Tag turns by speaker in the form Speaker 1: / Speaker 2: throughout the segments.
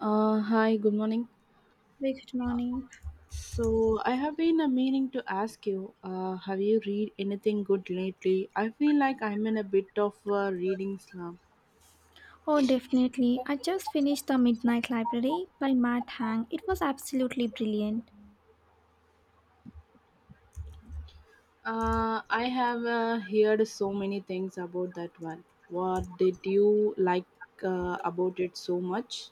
Speaker 1: Hi, good morning.
Speaker 2: Very good morning.
Speaker 1: So, I have been meaning to ask you, have you read anything good lately? I feel like I'm in a bit of a reading slump.
Speaker 2: Oh, definitely. I just finished The Midnight Library by Matt Hang. It was absolutely brilliant.
Speaker 1: I have heard so many things about that one. What did you like about it so much?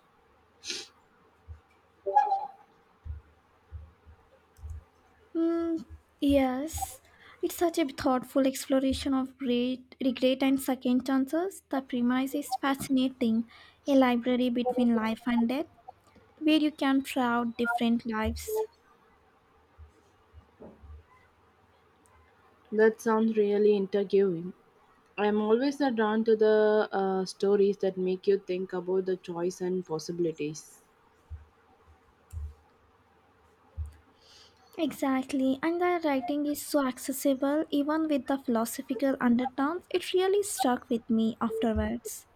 Speaker 2: Mm, yes, it's such a thoughtful exploration of great regret and second chances. The premise is fascinating a library between life and death, where you can try out different lives.
Speaker 1: That sounds really intriguing. I'm always drawn to the stories that make you think about the choice and possibilities.
Speaker 2: Exactly, and the writing is so accessible even with the philosophical undertones, it really stuck with me afterwards.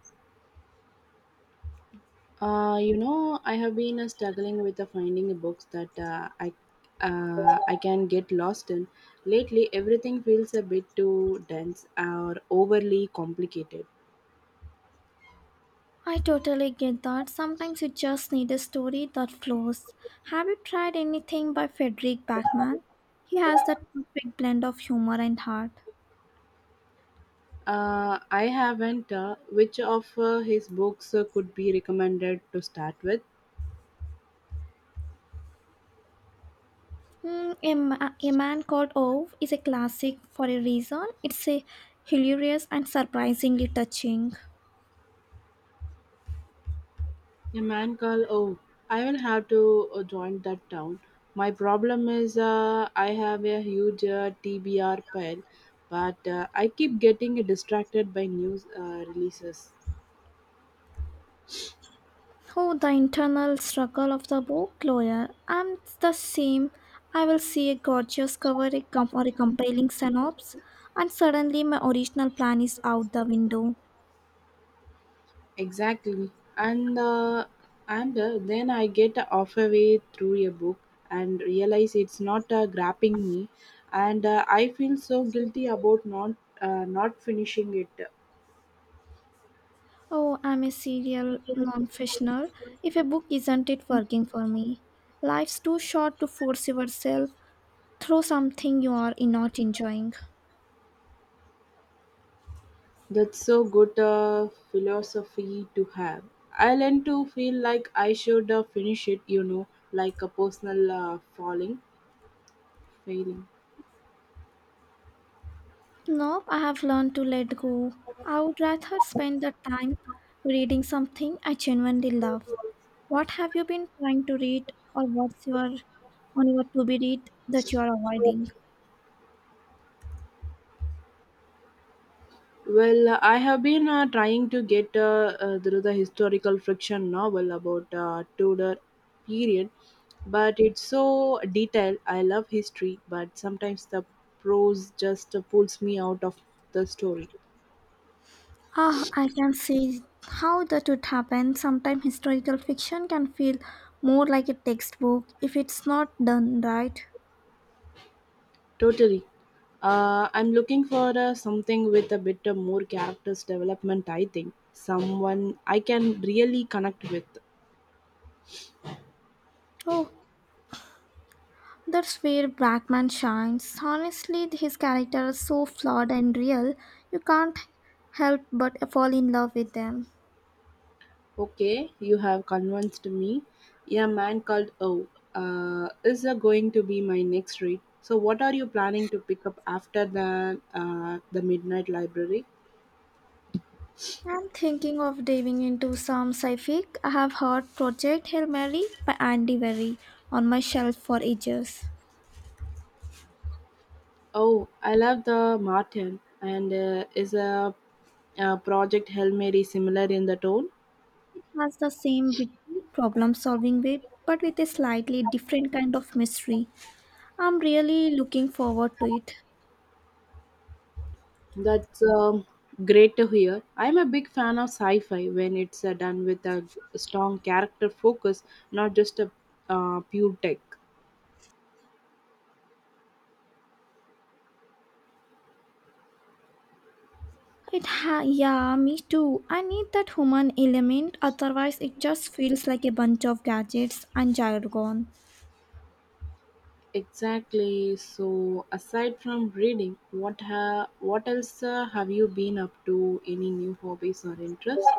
Speaker 1: I have been struggling with finding books that I can get lost in. Lately, everything feels a bit too dense or overly complicated.
Speaker 2: I totally get that. Sometimes you just need a story that flows. Have you tried anything by Frederick Backman? He has that perfect blend of humor and heart.
Speaker 1: I haven't. Which of his books could be recommended to start with?
Speaker 2: A Man Called Ove is a classic for a reason. It's a hilarious and surprisingly touching.
Speaker 1: A man called Oh, I will have to join that town. My problem is I have a huge TBR pile, but I keep getting distracted by news releases.
Speaker 2: Oh, the internal struggle of the book, lawyer. I'm the same. I will see a gorgeous cover or a compelling synopsis, and suddenly my original plan is out the window.
Speaker 1: Exactly, and then I get halfway through a book and realize it's not grabbing me, and I feel so guilty about not finishing it.
Speaker 2: Oh, I'm a serial non-fictioner. If a book isn't it working for me, life's too short to force yourself through something you are not enjoying.
Speaker 1: That's so good a philosophy to have. I learned to feel like I should finish it, you know, like a personal failing.
Speaker 2: Nope, I have learned to let go. I would rather spend the time reading something I genuinely love. What have you been trying to read, or what's your on your to-be read that you are avoiding?
Speaker 1: Well, I have been trying to get through the historical fiction novel about Tudor period, but it's so detailed. I love history, but sometimes the prose just pulls me out of the story.
Speaker 2: Ah, I can see how that would happen. Sometimes historical fiction can feel more like a textbook if it's not done right.
Speaker 1: Totally. I'm looking for something with a bit of more characters development, I think. Someone I can really connect with.
Speaker 2: Oh, that's where Bachman shines. Honestly, his character is so flawed and real, you can't help but fall in love with them.
Speaker 1: Okay, you have convinced me. A man called O is going to be my next read. So, what are you planning to pick up after the Midnight Library?
Speaker 2: I'm thinking of diving into some sci-fi. I have heard Project Hail Mary by Andy Berry on my shelf for ages.
Speaker 1: Oh, I love the Martin and is a Project Hail Mary similar in the tone?
Speaker 2: Has the same problem solving way, but with a slightly different kind of mystery. I'm really looking forward to it.
Speaker 1: That's great to hear. I'm a big fan of sci fi when it's done with a strong character focus, not just a pure tech.
Speaker 2: Yeah, me too. I need that human element, otherwise it just feels like a bunch of gadgets and jargon.
Speaker 1: Exactly. So, aside from reading, what else have you been up to? Any new hobbies or interests?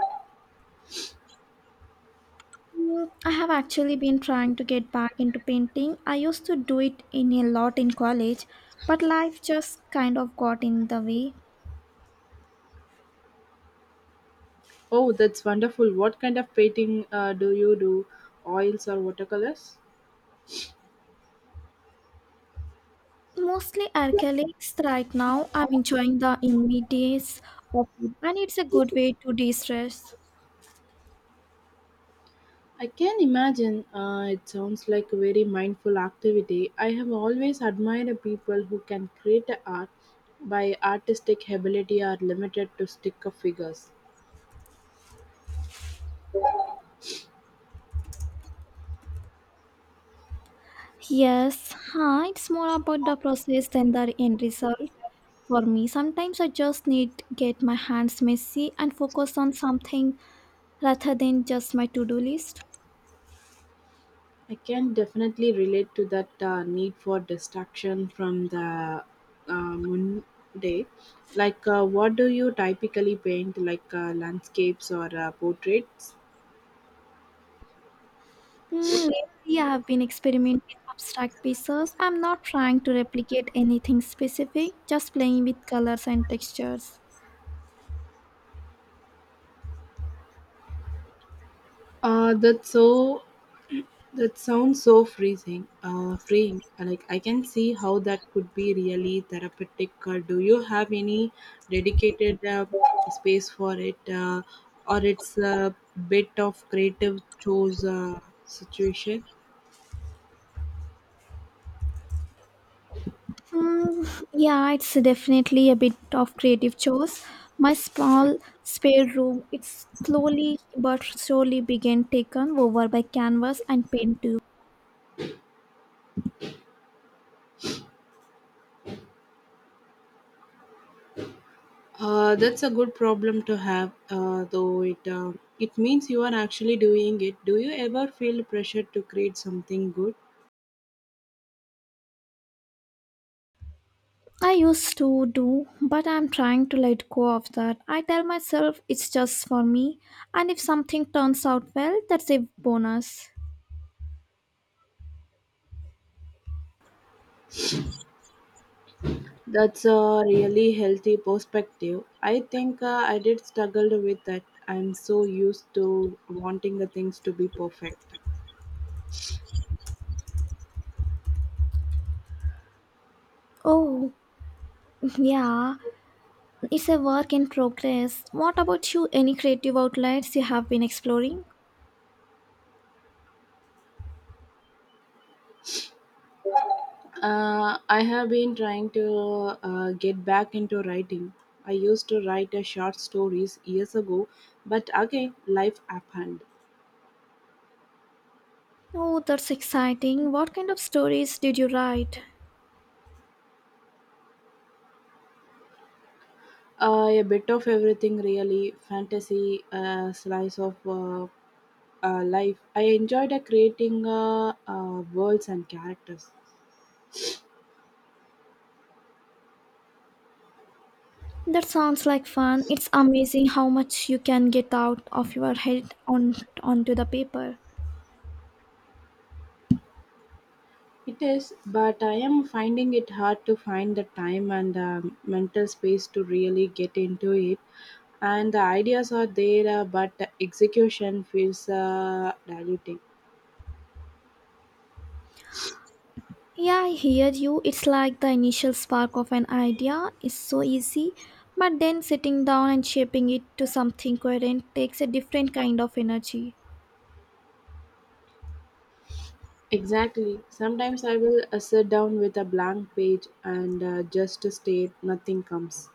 Speaker 2: I have actually been trying to get back into painting. I used to do it in a lot in college, but life just kind of got in the way.
Speaker 1: Oh, that's wonderful. What kind of painting do you do? Oils or watercolors?
Speaker 2: Mostly alcoholics right now. I'm enjoying the immediacy of it, and it's a good way to de stress.
Speaker 1: I can imagine it sounds like a very mindful activity. I have always admired people who can create art by artistic ability are limited to stick of figures.
Speaker 2: Yes, huh? It's more about the process than the end result. For me, sometimes I just need get my hands messy and focus on something rather than just my to-do list.
Speaker 1: I can definitely relate to that need for distraction from the Monday. Like, what do you typically paint, like landscapes or portraits?
Speaker 2: Lately, I have been experimenting with abstract pieces. I'm not trying to replicate anything specific, just playing with colors and textures.
Speaker 1: Uh, that's so That sounds so freezing, freeing. Like I can see how that could be really therapeutic. Do you have any dedicated space for it, or it's a bit of creative chose situation?
Speaker 2: Yeah, it's definitely a bit of creative chores. My small spare room, it's slowly but surely began taken over by canvas and paint too.
Speaker 1: That's a good problem to have, though it means you are actually doing it. Do you ever feel pressure to create something good?
Speaker 2: I used to do, but I'm trying to let go of that. I tell myself it's just for me, and if something turns out well, that's a bonus.
Speaker 1: That's a really healthy perspective. I think I did struggle with that. I'm so used to wanting the things to be perfect.
Speaker 2: Oh, yeah, it's a work in progress. What about you? Any creative outlets you have been exploring?
Speaker 1: I have been trying to get back into writing. I used to write a short stories years ago, but again, life happened.
Speaker 2: Oh, that's exciting. What kind of stories did you write?
Speaker 1: A bit of everything, really. Fantasy, slice of life. I enjoyed creating worlds and characters.
Speaker 2: That sounds like fun. It's amazing how much you can get out of your head on onto the paper.
Speaker 1: It is, but I am finding it hard to find the time and the mental space to really get into it. And the ideas are there, but the execution feels diluted.
Speaker 2: Yeah, I hear you. It's like the initial spark of an idea is so easy, but then sitting down and shaping it to something coherent takes a different kind of energy.
Speaker 1: Exactly. Sometimes I will sit down with a blank page and just state nothing comes.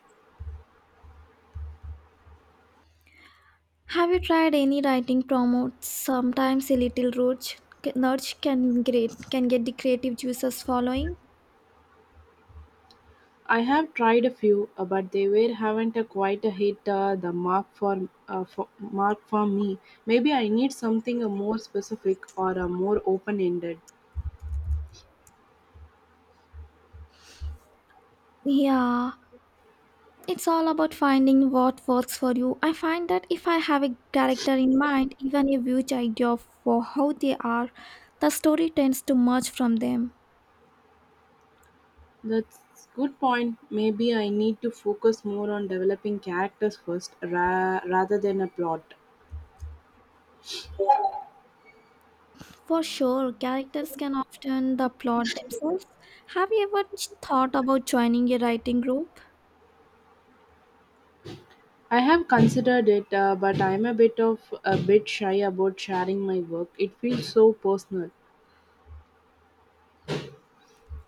Speaker 2: Have you tried any writing promotes? Sometimes a little roach nudge can get the creative juices flowing.
Speaker 1: I have tried a few, but they were haven't quite hit the mark for me. Maybe I need something more specific or more open ended.
Speaker 2: Yeah, it's all about finding what works for you. I find that if I have a character in mind, even a huge idea for how they are, the story tends to merge from them.
Speaker 1: That's good point. Maybe I need to focus more on developing characters first rather than a plot.
Speaker 2: For sure, characters can often the plot themselves. Have you ever thought about joining a writing group?
Speaker 1: I have considered it, but I'm a bit shy about sharing my work. It feels so personal.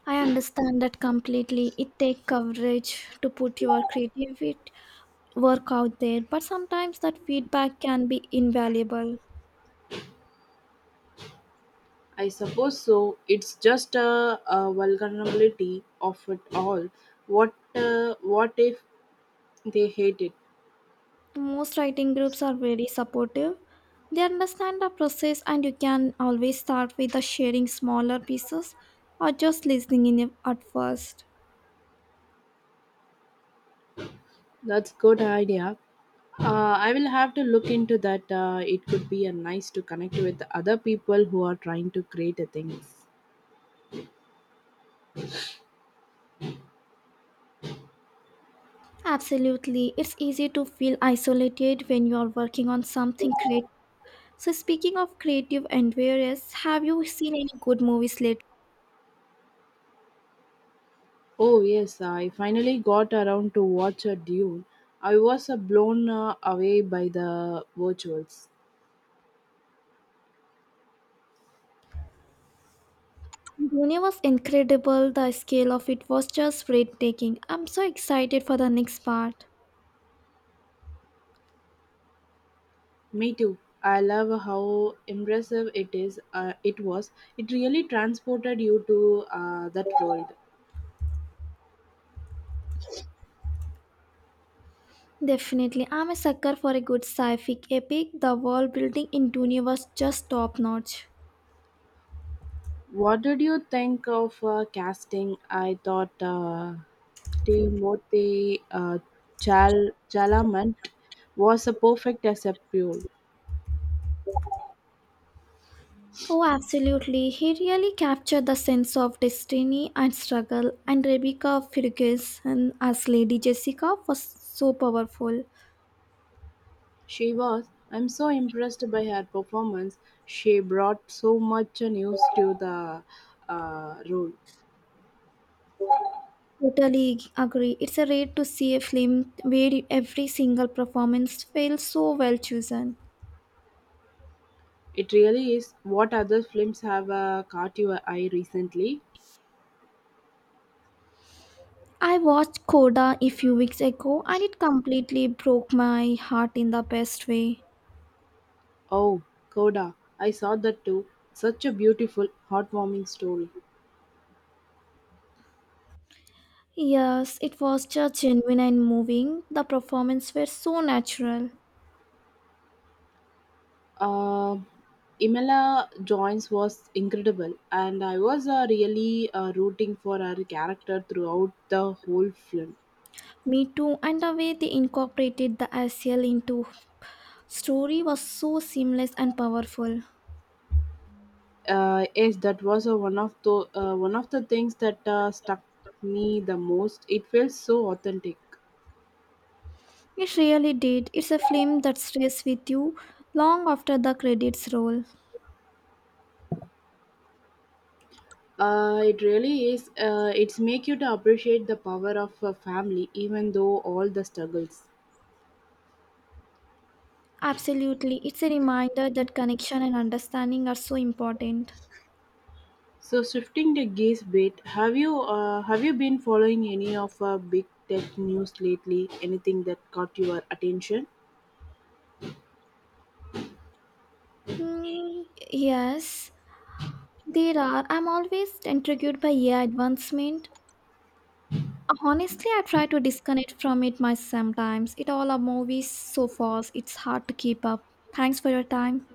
Speaker 2: I understand that completely. It takes courage to put your creative work out there, but sometimes that feedback can be invaluable.
Speaker 1: I suppose so. It's just a vulnerability of it all. What if they hate it?
Speaker 2: Most writing groups are very supportive. They understand the process, and you can always start with the sharing smaller pieces or just listening in it at first.
Speaker 1: That's good idea. I will have to look into that. It could be a nice to connect with other people who are trying to create a things.
Speaker 2: Absolutely. It's easy to feel isolated when you are working on something creative. So, speaking of creative endeavors, have you seen any good movies lately?
Speaker 1: Oh yes, I finally got around to watch a Dune. I was blown away by the visuals.
Speaker 2: Dune was incredible. The scale of it was just breathtaking. I'm so excited for the next part.
Speaker 1: Me too. I love how impressive it is. It was. It really transported you to that world.
Speaker 2: Definitely, I'm a sucker for a good sci-fic epic. The world building in Dune was just top notch.
Speaker 1: What did you think of casting? I thought. Timothée Chalamet was a perfect as a pupil.
Speaker 2: Oh, absolutely. He really captured the sense of destiny and struggle, and Rebecca Ferguson as Lady Jessica was so powerful.
Speaker 1: She was. I'm so impressed by her performance. She brought so much news to the role.
Speaker 2: Totally agree. It's a rare to see a film where every single performance feels so well chosen.
Speaker 1: It really is. What other films have caught your eye recently?
Speaker 2: I watched Coda a few weeks ago and it completely broke my heart in the best way.
Speaker 1: Oh, Coda. I saw that too. Such a beautiful, heartwarming story.
Speaker 2: Yes, it was just genuine and moving. The performance were so natural.
Speaker 1: uh, Imela Jones was incredible, and I was really rooting for her character throughout the whole film.
Speaker 2: Me too, and the way they incorporated the ACL into story was so seamless and powerful.
Speaker 1: Yes, that was one of the one of the things that stuck me the most. It felt so authentic.
Speaker 2: It really did. It's a film that stays with you long after the credits roll.
Speaker 1: It really is. It's make you to appreciate the power of a family, even though all the struggles.
Speaker 2: Absolutely, it's a reminder that connection and understanding are so important.
Speaker 1: So shifting the gaze a bit, have you been following any of big tech news lately? Anything that caught your attention?
Speaker 2: Hmm, yes, there are. I'm always intrigued by AI advancement. Honestly, I try to disconnect from it myself sometimes. It all a movies so fast, it's hard to keep up. Thanks for your time.